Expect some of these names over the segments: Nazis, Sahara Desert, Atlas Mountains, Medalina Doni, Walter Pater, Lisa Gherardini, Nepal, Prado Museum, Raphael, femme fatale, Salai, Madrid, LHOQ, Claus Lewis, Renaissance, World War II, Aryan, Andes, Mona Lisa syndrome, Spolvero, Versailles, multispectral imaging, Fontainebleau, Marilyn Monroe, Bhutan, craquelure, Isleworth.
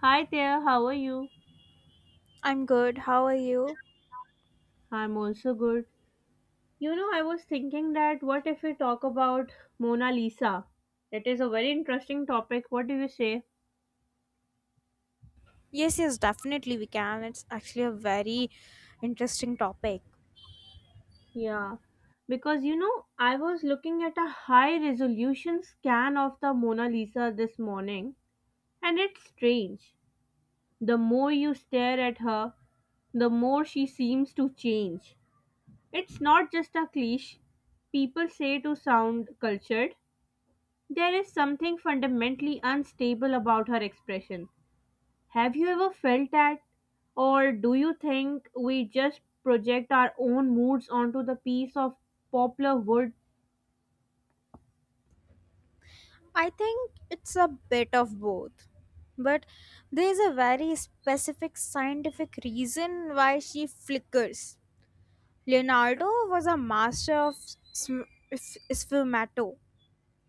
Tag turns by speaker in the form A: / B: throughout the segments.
A: Hi there, how are you?
B: I'm good. How are you?
A: I'm also good. You know, I was thinking that what if we talk about Mona Lisa? It is a very interesting topic. What do you say?
B: Yes, yes, definitely we can. It's actually a very interesting topic.
A: Yeah, because you know, I was looking at a high resolution scan of the Mona Lisa this morning, and it's strange. The more you stare at her, the more she seems to change. It's not just a cliche people say to sound cultured, there is something fundamentally unstable about her expression. Have you ever felt that? Or do you think we just project our own moods onto the piece of poplar wood?
B: I think it's a bit of both. But there's a very specific scientific reason why she flickers. Leonardo was a master of sfumato,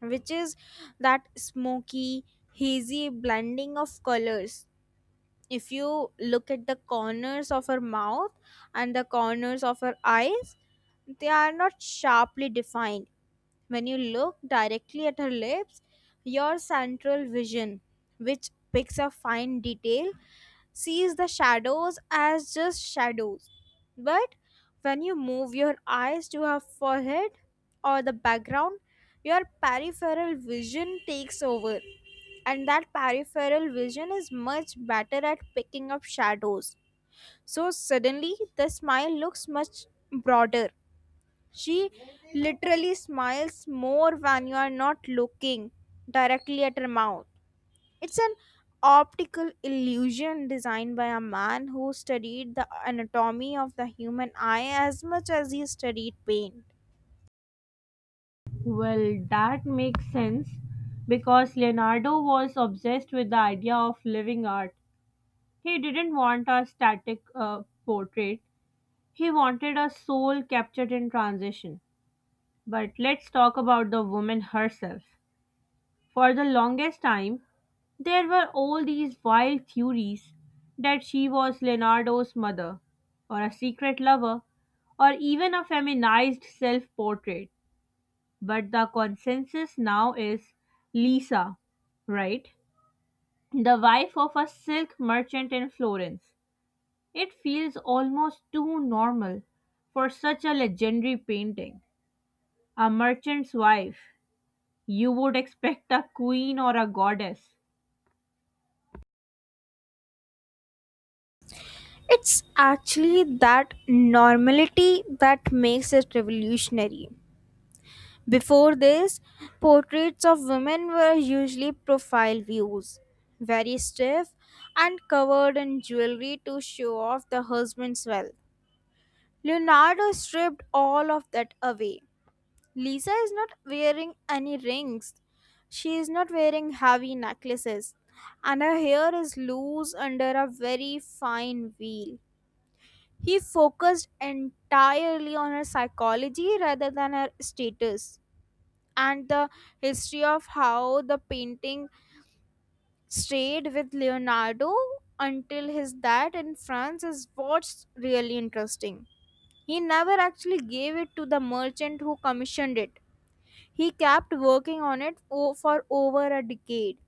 B: which is that smoky, hazy blending of colors if you look at the corners of her mouth and the corners of her eyes, they are not sharply defined. When you look directly at her lips, your central vision, which picks up fine detail, sees the shadows as just shadows. But when you move your eyes to her forehead or the background, your peripheral vision takes over and that peripheral vision is much better at picking up shadows. So suddenly the smile looks much broader. She literally smiles more when you are not looking directly at her mouth. It's an optical illusion designed by a man who studied the anatomy of the human eye as much as he studied pain.
A: Well, that makes sense because Leonardo was obsessed with the idea of living art. He didn't want a static portrait, he wanted a soul captured in transition. But let's talk about the woman herself. For the longest time, there were all these wild theories that she was Leonardo's mother, or a secret lover, or even a feminized self portrait. But the consensus now is Lisa, right? The wife of a silk merchant in Florence. It feels almost too normal for such a legendary painting. A merchant's wife. You would expect a queen or a goddess.
B: It's actually that normality that makes it revolutionary. Before this, portraits of women were usually profile views, very stiff and covered in jewelry to show off the husband's wealth. Leonardo stripped all of that away. Lisa is not wearing any rings. She is not wearing heavy necklaces, and her hair is loose under a very fine veil. He focused entirely on her psychology rather than her status, and the history of how the painting stayed with Leonardo until his death in France is what's really interesting. He never actually gave it to the merchant who commissioned it. He kept working on it for over a decade,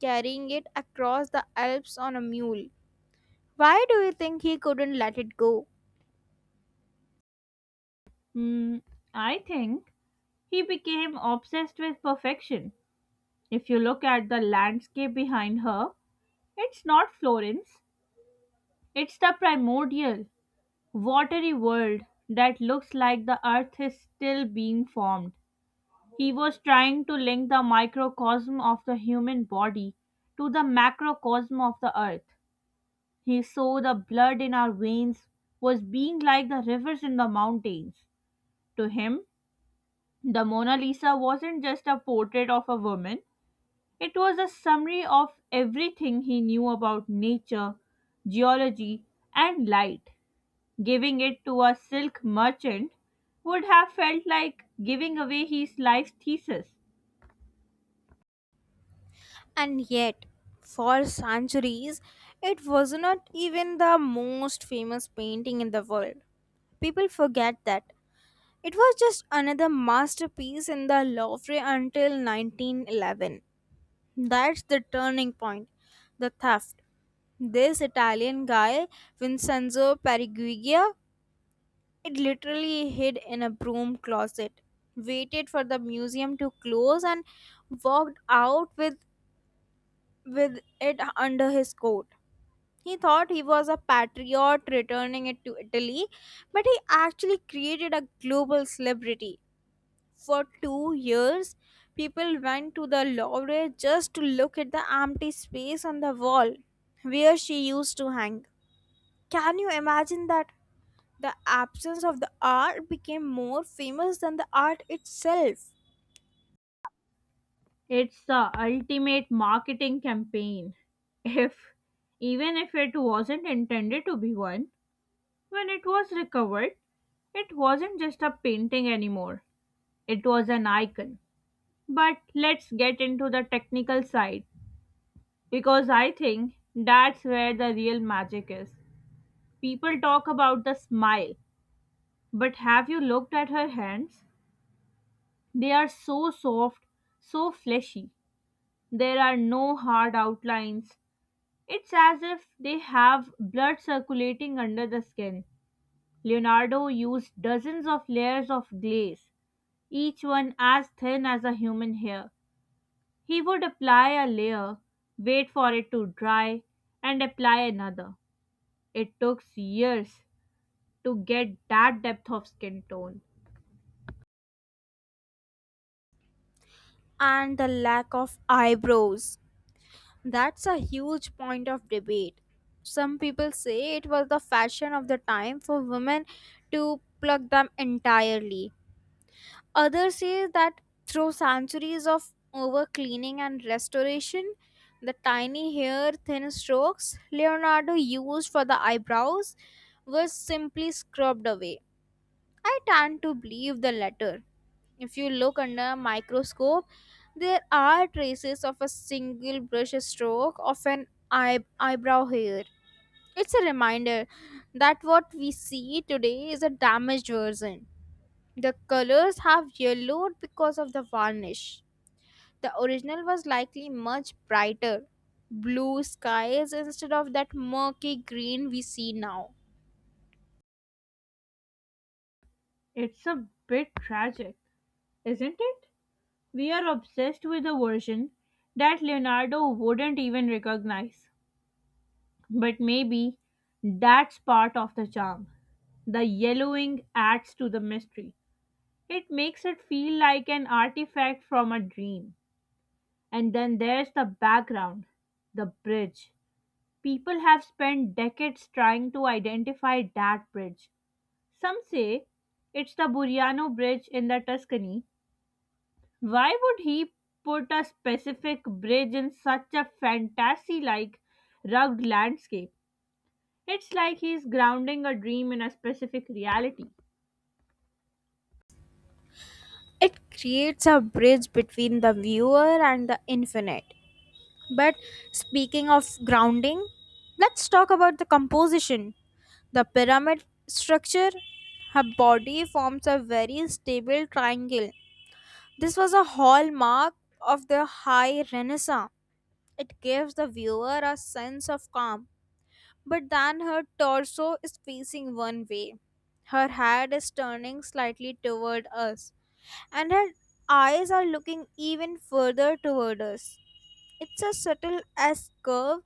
B: carrying it across the Alps on a mule. Why do you think he couldn't let it go?
A: Hmm, I think he became obsessed with perfection. If you look at the landscape behind her, it's not Florence, it's the primordial, watery world that looks like the earth is still being formed. He was trying to link the microcosm of the human body to the macrocosm of the earth. He saw the blood in our veins was being like the rivers in the mountains. To him, the Mona Lisa wasn't just a portrait of a woman, it was a summary of everything he knew about nature, geology, and light. Giving it to a silk merchant would have felt like giving away his life thesis.
B: And yet, for centuries, it was not even the most famous painting in the world. People forget that. It was just another masterpiece in the Louvre until 1911. That's the turning point. The theft. This Italian guy, Vincenzo Periguglia, it literally hid in a broom closet, waited for the museum to close, and walked out with it under his coat. He thought he was a patriot returning it to Italy, but he actually created a global celebrity. For 2 years, people went to the Louvre just to look at the empty space on the wall where she used to hang. Can you imagine that? The absence of the art became more famous than the art itself.
A: It's the ultimate marketing campaign. If even if it wasn't intended to be one, when it was recovered, it wasn't just a painting anymore. It was an icon. But let's get into the technical side. Because I think that's where the real magic is. People talk about the smile, but have you looked at her hands? They are so soft, so fleshy. There are no hard outlines. It's as if they have blood circulating under the skin. Leonardo used dozens of layers of glaze, each one as thin as a human hair. He would apply a layer, wait for it to dry, and apply another. It took years to get that depth of skin tone.
B: And the lack of eyebrows. That's a huge point of debate. Some people say it was the fashion of the time for women to pluck them entirely. Others say that through centuries of over cleaning and restoration, the tiny hair thin strokes Leonardo used for the eyebrows were simply scrubbed away. I tend to believe the latter. If you look under a microscope, there are traces of a single brush stroke of an eyebrow hair. It's a reminder that what we see today is a damaged version. The colors have yellowed because of the varnish. The original was likely much brighter, blue skies instead of that murky green we see now.
A: It's a bit tragic, isn't it? We are obsessed with a version that Leonardo wouldn't even recognize. But maybe that's part of the charm. The yellowing adds to the mystery. It makes it feel like an artifact from a dream. And then there's the background, the bridge. People have spent decades trying to identify that bridge. Some say it's the Buriano Bridge in the Tuscany. Why would he put a specific bridge in such a fantasy like rugged landscape? It's like he's grounding a dream in a specific reality.
B: It creates a bridge between the viewer and the infinite. But speaking of grounding, let's talk about the composition. The pyramid structure, her body forms a very stable triangle. This was a hallmark of the high renaissance. It gives the viewer a sense of calm, but then her torso is facing one way. Her head is turning slightly toward us, and her eyes are looking even further toward us. It's a subtle S curve.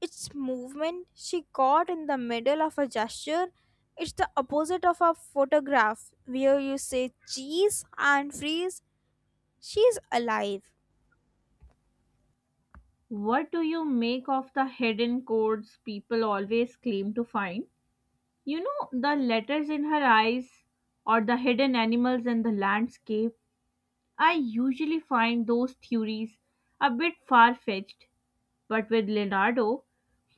B: Its movement she got in the middle of a gesture. It's the opposite of a photograph where you say cheese and freeze. She's alive.
A: What do you make of the hidden codes people always claim to find? You know, the letters in her eyes or the hidden animals in the landscape. I usually find those theories a bit far fetched. But with Leonardo,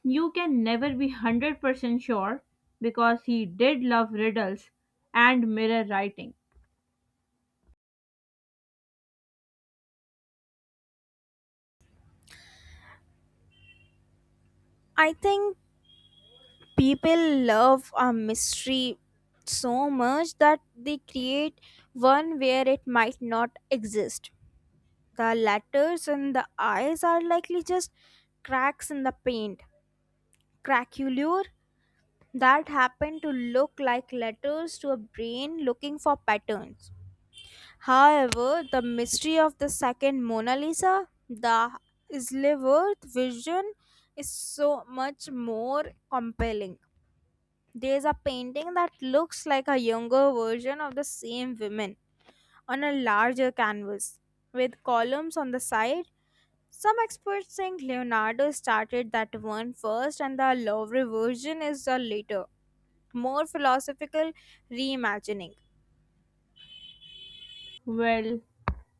A: you can never be 100% sure because he did love riddles and mirror writing.
B: I think people love a mystery so much that they create one where it might not exist. The letters and the eyes are likely just cracks in the paint. Craculure that happen to look like letters to a brain looking for patterns. However, the mystery of the second Mona Lisa, the Isleworth vision, is so much more compelling. There's a painting that looks like a younger version of the same women on a larger canvas with columns on the side. Some experts think Leonardo started that one first and the Louvre version is a later, more philosophical reimagining.
A: Well,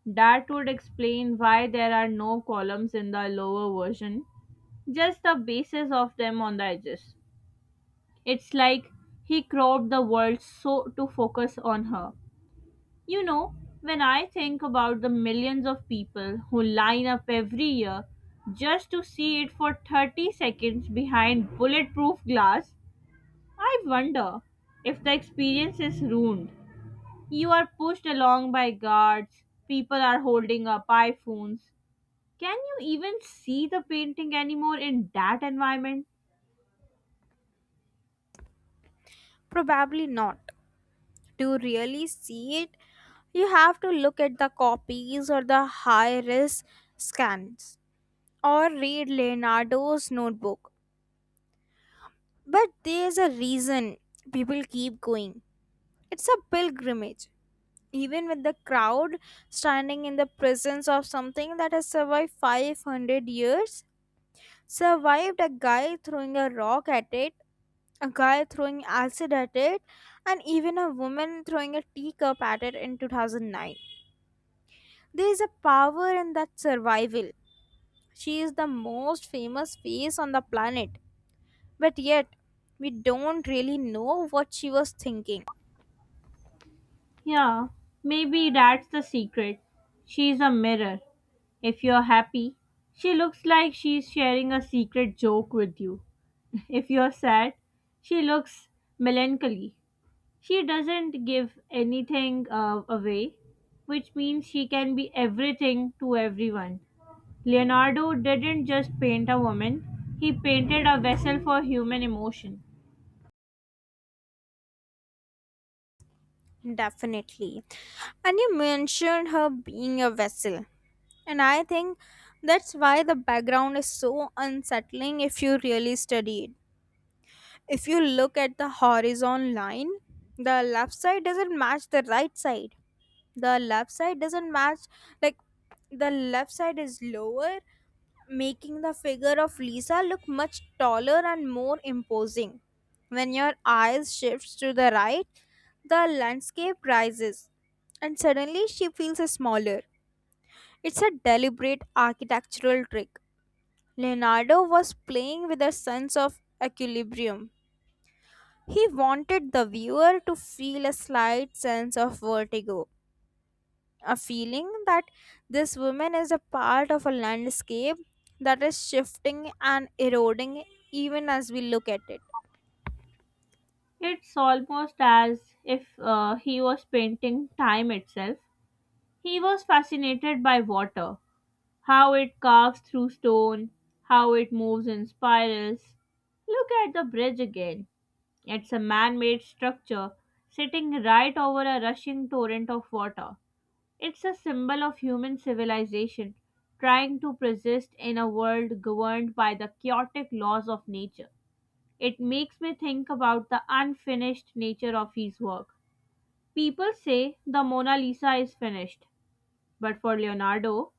A: that would explain why there are no columns in the lower version, just the bases of them on the edges. It's like he cropped the world so to focus on her. You know, when I think about the millions of people who line up every year just to see it for 30 seconds behind bulletproof glass, I wonder if the experience is ruined. You are pushed along by guards, people are holding up iPhones. Can you even see the painting anymore in that environment?
B: Probably not. To really see it, you have to look at the copies or the high res scans or read Leonardo's notebook. But there's a reason people keep going. It's a pilgrimage. Even with the crowd standing in the presence of something that has survived 500 years, survived a guy throwing a rock at it, a guy throwing acid at it, and even a woman throwing a teacup at it in 2009. There is a power in that survival. She is the most famous face on the planet. But yet, we don't really know what she was thinking.
A: Yeah, maybe that's the secret. She's a mirror. If you're happy, she looks like she's sharing a secret joke with you. If you're sad, she looks melancholy. She doesn't give anything away, which means she can be everything to everyone. Leonardo didn't just paint a woman, he painted a vessel for human emotion.
B: Definitely. And you mentioned her being a vessel. And I think that's why the background is so unsettling if you really study it. If you look at the horizon line, the left side doesn't match the right side. The left side doesn't match, like, the left side is lower, making the figure of Lisa look much taller and more imposing. When your eyes shifts to the right, the landscape rises, and suddenly she feels smaller. It's a deliberate architectural trick. Leonardo was playing with a sense of equilibrium. He wanted the viewer to feel a slight sense of vertigo, a feeling that this woman is a part of a landscape that is shifting and eroding even as we look at it.
A: It's almost as if he was painting time itself. He was fascinated by water, how it carves through stone, how it moves in spirals. Look at the bridge again. It's a man made structure sitting right over a rushing torrent of water. It's a symbol of human civilization trying to persist in a world governed by the chaotic laws of nature. It makes me think about the unfinished nature of his work. People say the Mona Lisa is finished, but for Leonardo,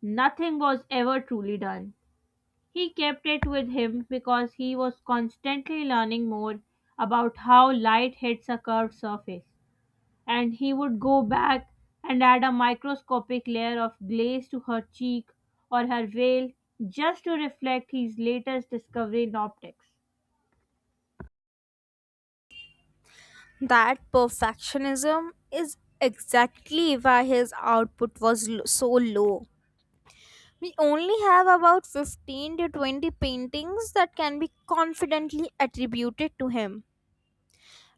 A: nothing was ever truly done. He kept it with him because he was constantly learning more about how light hits a curved surface, and he would go back and add a microscopic layer of glaze to her cheek or her veil just to reflect his latest discovery in optics.
B: That perfectionism is exactly why his output was so low. We only have about 15 to 20 paintings that can be confidently attributed to him,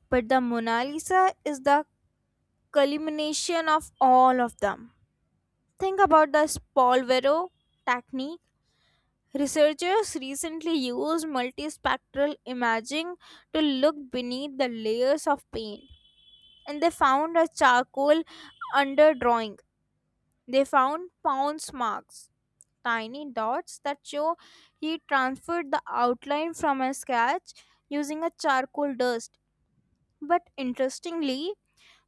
B: but the Mona Lisa is the culmination of all of them. Think about the Spolvero technique. Researchers recently used multispectral imaging to look beneath the layers of paint and they found a charcoal underdrawing. They found pounce marks, tiny dots that show he transferred the outline from a sketch using a charcoal dust. But interestingly,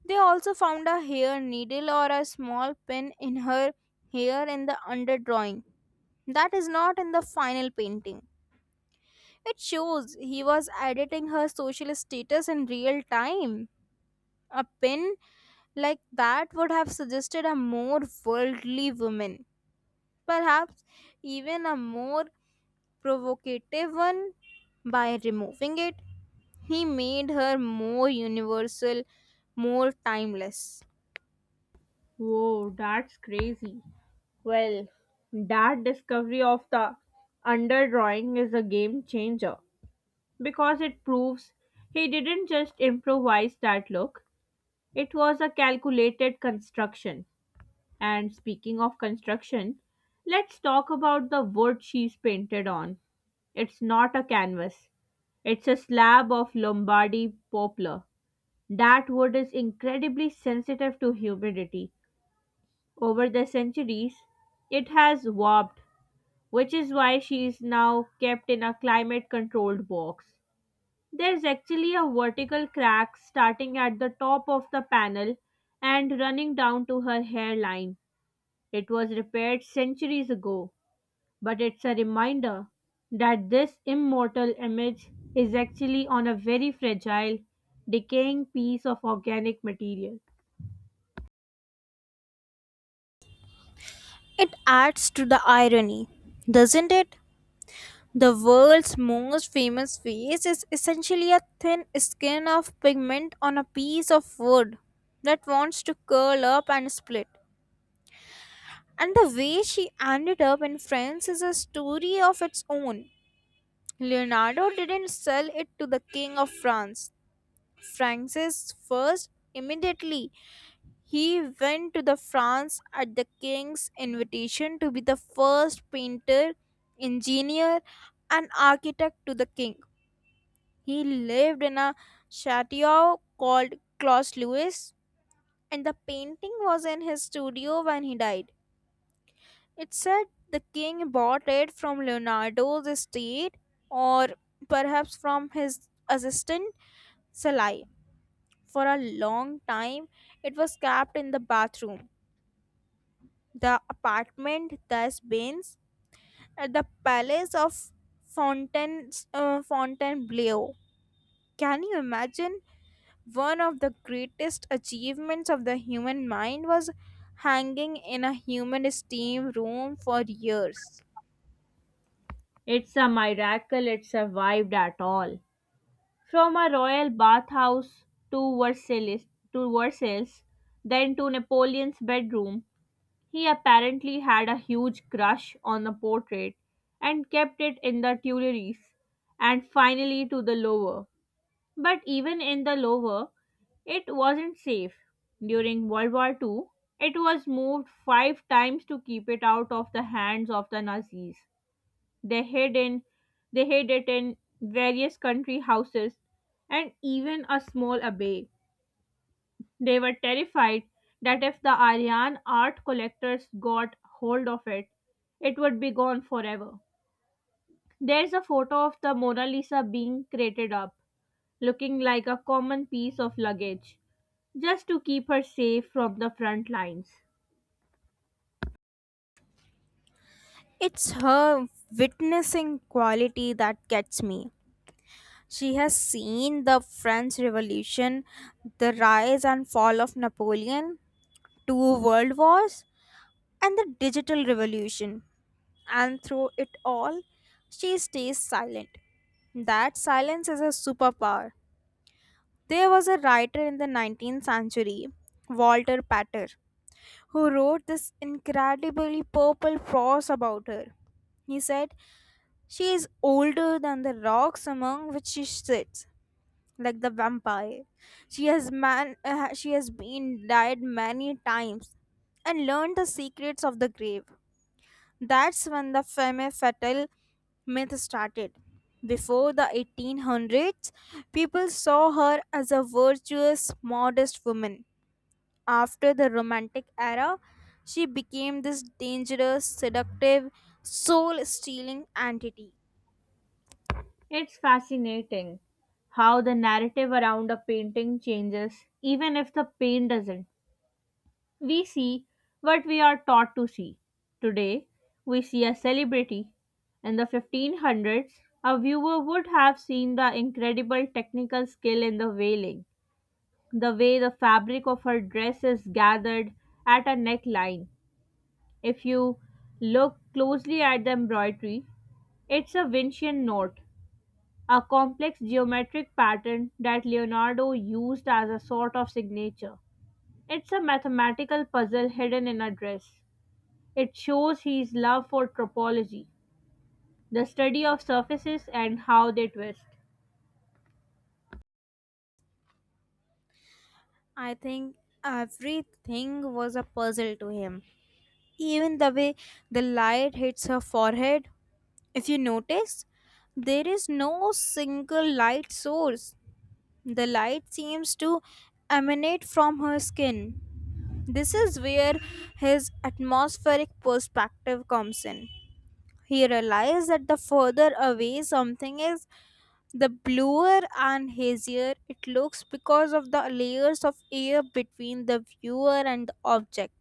B: they also found a hair needle or a small pin in her hair in the underdrawing. That is not in the final painting. It shows he was editing her social status in real time. A pin like that would have suggested a more worldly woman, perhaps even a more provocative one. By removing it, he made her more universal, more timeless.
A: Whoa, that's crazy. Well, that discovery of the underdrawing is a game changer, because it proves he didn't just improvise that look, it was a calculated construction. And speaking of construction, let's talk about the wood she's painted on. It's not a canvas, it's a slab of Lombardy poplar. That wood is incredibly sensitive to humidity. Over the centuries, it has warped, which is why she is now kept in a climate controlled box. There is actually a vertical crack starting at the top of the panel and running down to her hairline. It was repaired centuries ago, but it's a reminder that this immortal image is actually on a very fragile, decaying piece of organic material.
B: It adds to the irony, doesn't it? The world's most famous face is essentially a thin skin of pigment on a piece of wood that wants to curl up and split. And the way she ended up in France is a story of its own. Leonardo didn't sell it to the King of France, Francis I. Immediately, he went to the France at the King's invitation to be the first painter, engineer, and architect to the King. He lived in a chateau called Claus Lewis, and the painting was in his studio when he died. It said the king bought it from Leonardo's estate or perhaps from his assistant Salai. For a long time, it was kept in the bathroom, the apartment, the Baines, at the palace of Fontainebleau. Can you imagine? One of the greatest achievements of the human mind was hanging in a human steam room for years.
A: It's a miracle it survived at all. From a royal bathhouse to Versailles, to Versailles, then to Napoleon's bedroom. He apparently had a huge crush on the portrait and kept it in the Tuileries and finally to the Louvre. But even in the Louvre, it wasn't safe. During World War II, it was moved 5 times to keep it out of the hands of the Nazis. They hid in they hid it in various country houses and even a small abbey. They were terrified that if the Aryan art collectors got hold of it, it would be gone forever. There's a photo of the Mona Lisa being crated up, looking like a common piece of luggage, just to keep her safe from the front lines.
B: It's her witnessing quality that gets me. She has seen the French Revolution, the rise and fall of Napoleon, two world wars, and the digital revolution. And through it all, she stays silent. That silence is a superpower. There was a writer in the 19th century, Walter Pater, who wrote this incredibly purple prose about her. He said, she is older than the rocks among which she sits, like the vampire. She she has been died many times and learned the secrets of the grave. That's when the femme fatale myth started. Before the 1800s, people saw her as a virtuous, modest woman. After the Romantic era, she became this dangerous, seductive, soul stealing entity.
A: It's fascinating how the narrative around a painting changes, even if the paint doesn't. We see what we are taught to see. Today, we see a celebrity. In the 1500s, a viewer would have seen the incredible technical skill in the veiling, the way the fabric of her dress is gathered at a neckline. If you look closely at the embroidery, it's a Vincian knot, a complex geometric pattern that Leonardo used as a sort of signature. It's a mathematical puzzle hidden in a dress. It shows his love for topology, the study of surfaces and how they twist.
B: I think everything was a puzzle to him. Even the way the light hits her forehead, if you notice, there is no single light source. The light seems to emanate from her skin. This is where his atmospheric perspective comes in. He realizes that the further away something is, the bluer and hazier it looks because of the layers of air between the viewer and the object.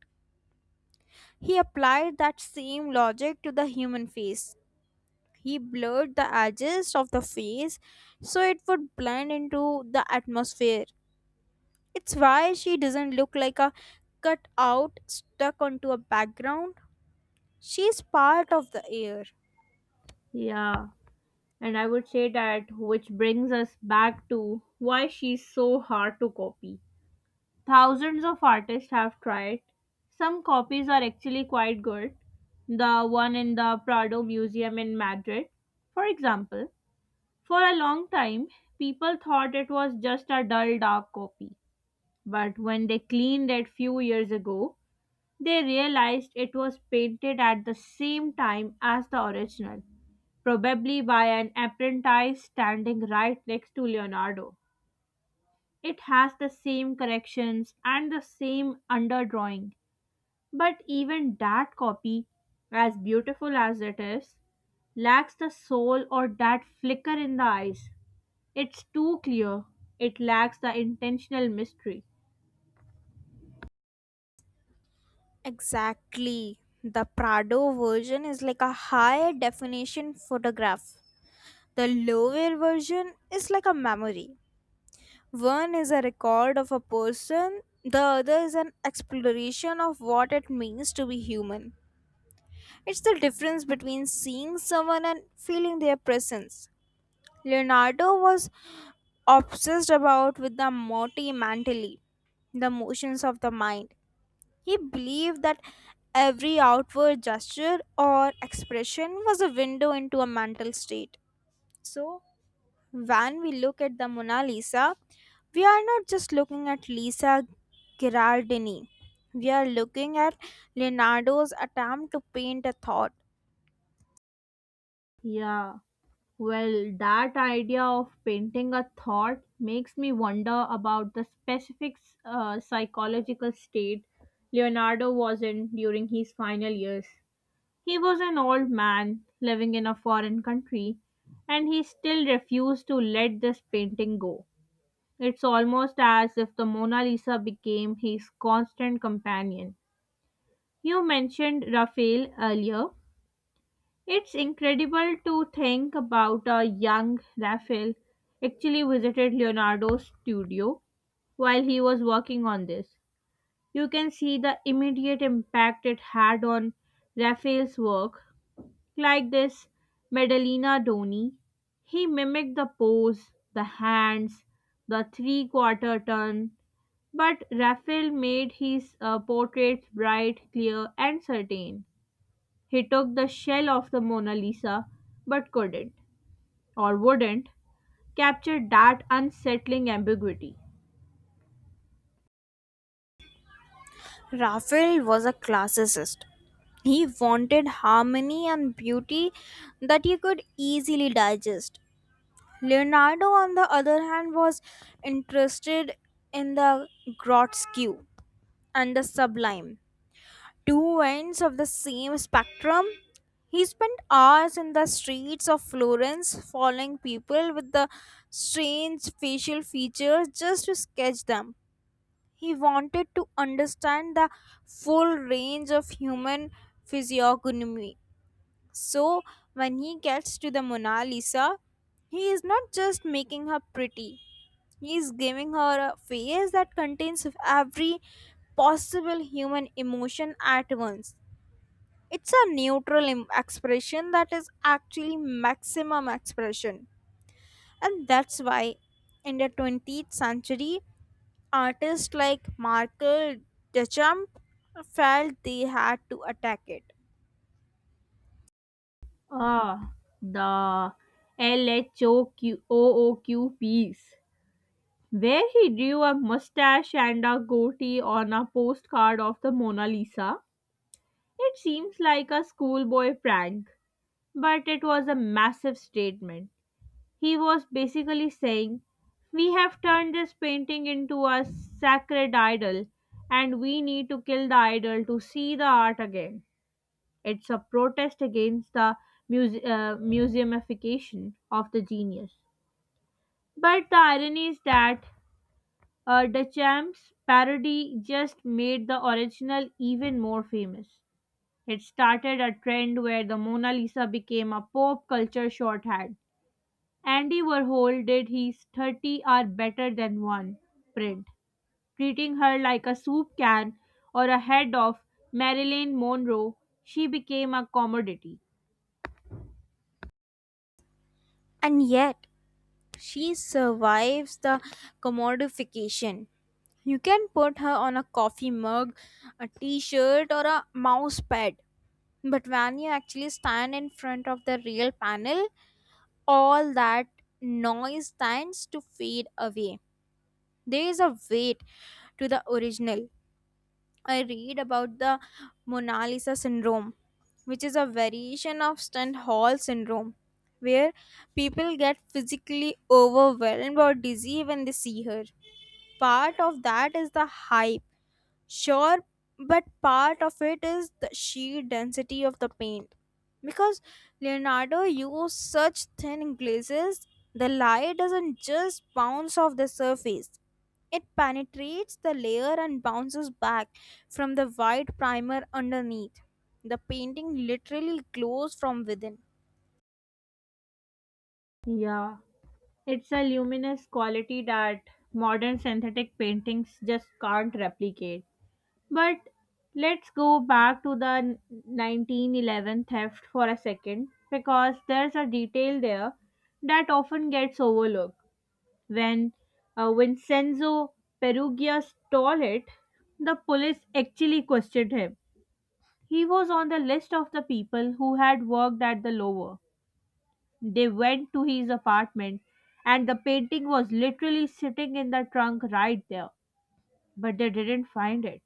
B: He applied that same logic to the human face. He blurred the edges of the face so it would blend into the atmosphere. It's why she doesn't look like a cut out stuck onto a background. She's part of the air.
A: Yeah, and I would say that which brings us back to why she's so hard to copy. Thousands of artists have tried. Some copies are actually quite good. The one in the Prado Museum in Madrid, for example. For a long time, people thought it was just a dull, dark copy. But when they cleaned it few years ago, they realized it was painted at the same time as the original, probably by an apprentice standing right next to Leonardo. It has the same corrections and the same underdrawing, but even that copy, as beautiful as it is, lacks the soul or that flicker in the eyes. It's too clear. It lacks the intentional mystery.
B: Exactly. The Prado version is like a high definition photograph. The lower version is like a memory. One is a record of a person, the other is an exploration of what it means to be human. It's the difference between seeing someone and feeling their presence. Leonardo was obsessed about with the motti mentally, the motions of the mind. He believed that every outward gesture or expression was a window into a mental state. So, when we look at the Mona Lisa, we are not just looking at Lisa Gherardini. We are looking at Leonardo's attempt to paint a thought.
A: Yeah. Well, that idea of painting a thought makes me wonder about the specific psychological state Leonardo was in during his final years. He was an old man living in a foreign country, and he still refused to let this painting go. It's almost as if the Mona Lisa became his constant companion. You mentioned Raphael earlier, it's incredible to think about a young Raphael actually visited Leonardo's studio while he was working on this. You can see the immediate impact it had on Raphael's work, like this Medalina Doni. He mimicked the pose, the hands, the three quarter turn, but Raphael made his portraits bright, clear, and certain. He took the shell of the Mona Lisa but couldn't, or wouldn't, capture that unsettling ambiguity.
B: Raphael was a classicist. He wanted harmony and beauty that he could easily digest. Leonardo, on the other hand, was interested in the grotesque and the sublime. Two ends of the same spectrum. He spent hours in the streets of Florence following people with the strange facial features just to sketch them. He wanted to understand the full range of human physiognomy. So, when he gets to the Mona Lisa, he is not just making her pretty, he is giving her a face that contains every possible human emotion at once. It's a neutral expression that is actually maximum expression. And that's why in the 20th century, artists like Markel Duchamp felt they had to attack it.
A: Ah, the LHOQ piece, where he drew a mustache and a goatee on a postcard of the Mona Lisa. It seems like a schoolboy prank, but it was a massive statement. He was basically saying, we have turned this painting into a sacred idol, and we need to kill the idol to see the art again. It's a protest against the museumification of the genius. But the irony is that Duchamp's parody just made the original even more famous. It started a trend where the Mona Lisa became a pop culture shorthand. Andy Warhol did his 30 are better than one print, treating her like a soup can or a head of Marilyn Monroe. She became a commodity.
B: And yet, she survives the commodification. You can put her on a coffee mug, a t shirt, or a mouse pad. But when you actually stand in front of the real panel, all that noise tends to fade away. There is a weight to the original. I read about the Mona Lisa syndrome, which is a variation of Stendhal syndrome, where people get physically overwhelmed or dizzy when they see her. Part of that is the hype, sure, but part of it is the sheer density of the paint. Because Leonardo used such thin glazes, the light doesn't just bounce off the surface, it penetrates the layer and bounces back from the white primer underneath. The painting literally glows from within.
A: Yeah, it's a luminous quality that modern synthetic paintings just can't replicate. But let's go back to the 1911 theft for a second because there's a detail there that often gets overlooked. When Vincenzo Perugia stole it, the police actually questioned him. He was on the list of the people who had worked at the Louvre. They went to his apartment, and the painting was literally sitting in the trunk right there, but they didn't find it.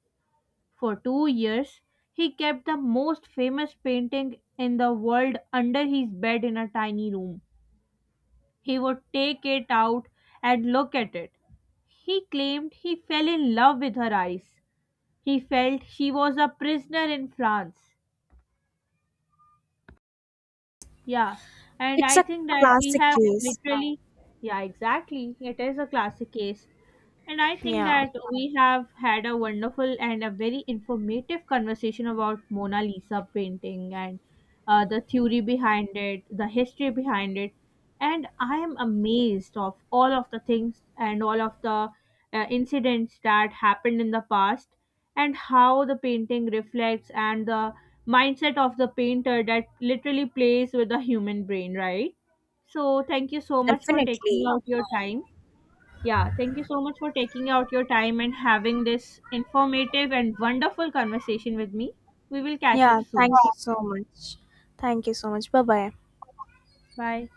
A: For 2 years, he kept the most famous painting in the world under his bed in a tiny room. He would take it out and look at it. He claimed he fell in love with her eyes. He felt she was a prisoner in France. Yeah, and
B: It's
A: I
B: a
A: think that we
B: classic
A: have
B: case.
A: literally, yeah, exactly. It is a classic case. And I think
B: Yeah.
A: that we have had a wonderful and a very informative conversation about Mona Lisa painting and the theory behind it, the history behind it, and I am amazed of all of the things and all of the incidents that happened in the past and how the painting reflects and the mindset of the painter that literally plays with the human brain, right? So thank you so much for taking
B: Definitely.
A: out your time. Yeah, thank you so much for taking out your time and having this informative and wonderful conversation with me. We will catch up
B: Yeah,
A: soon.
B: thank you so much. Thank you so much. Bye bye.
A: Bye.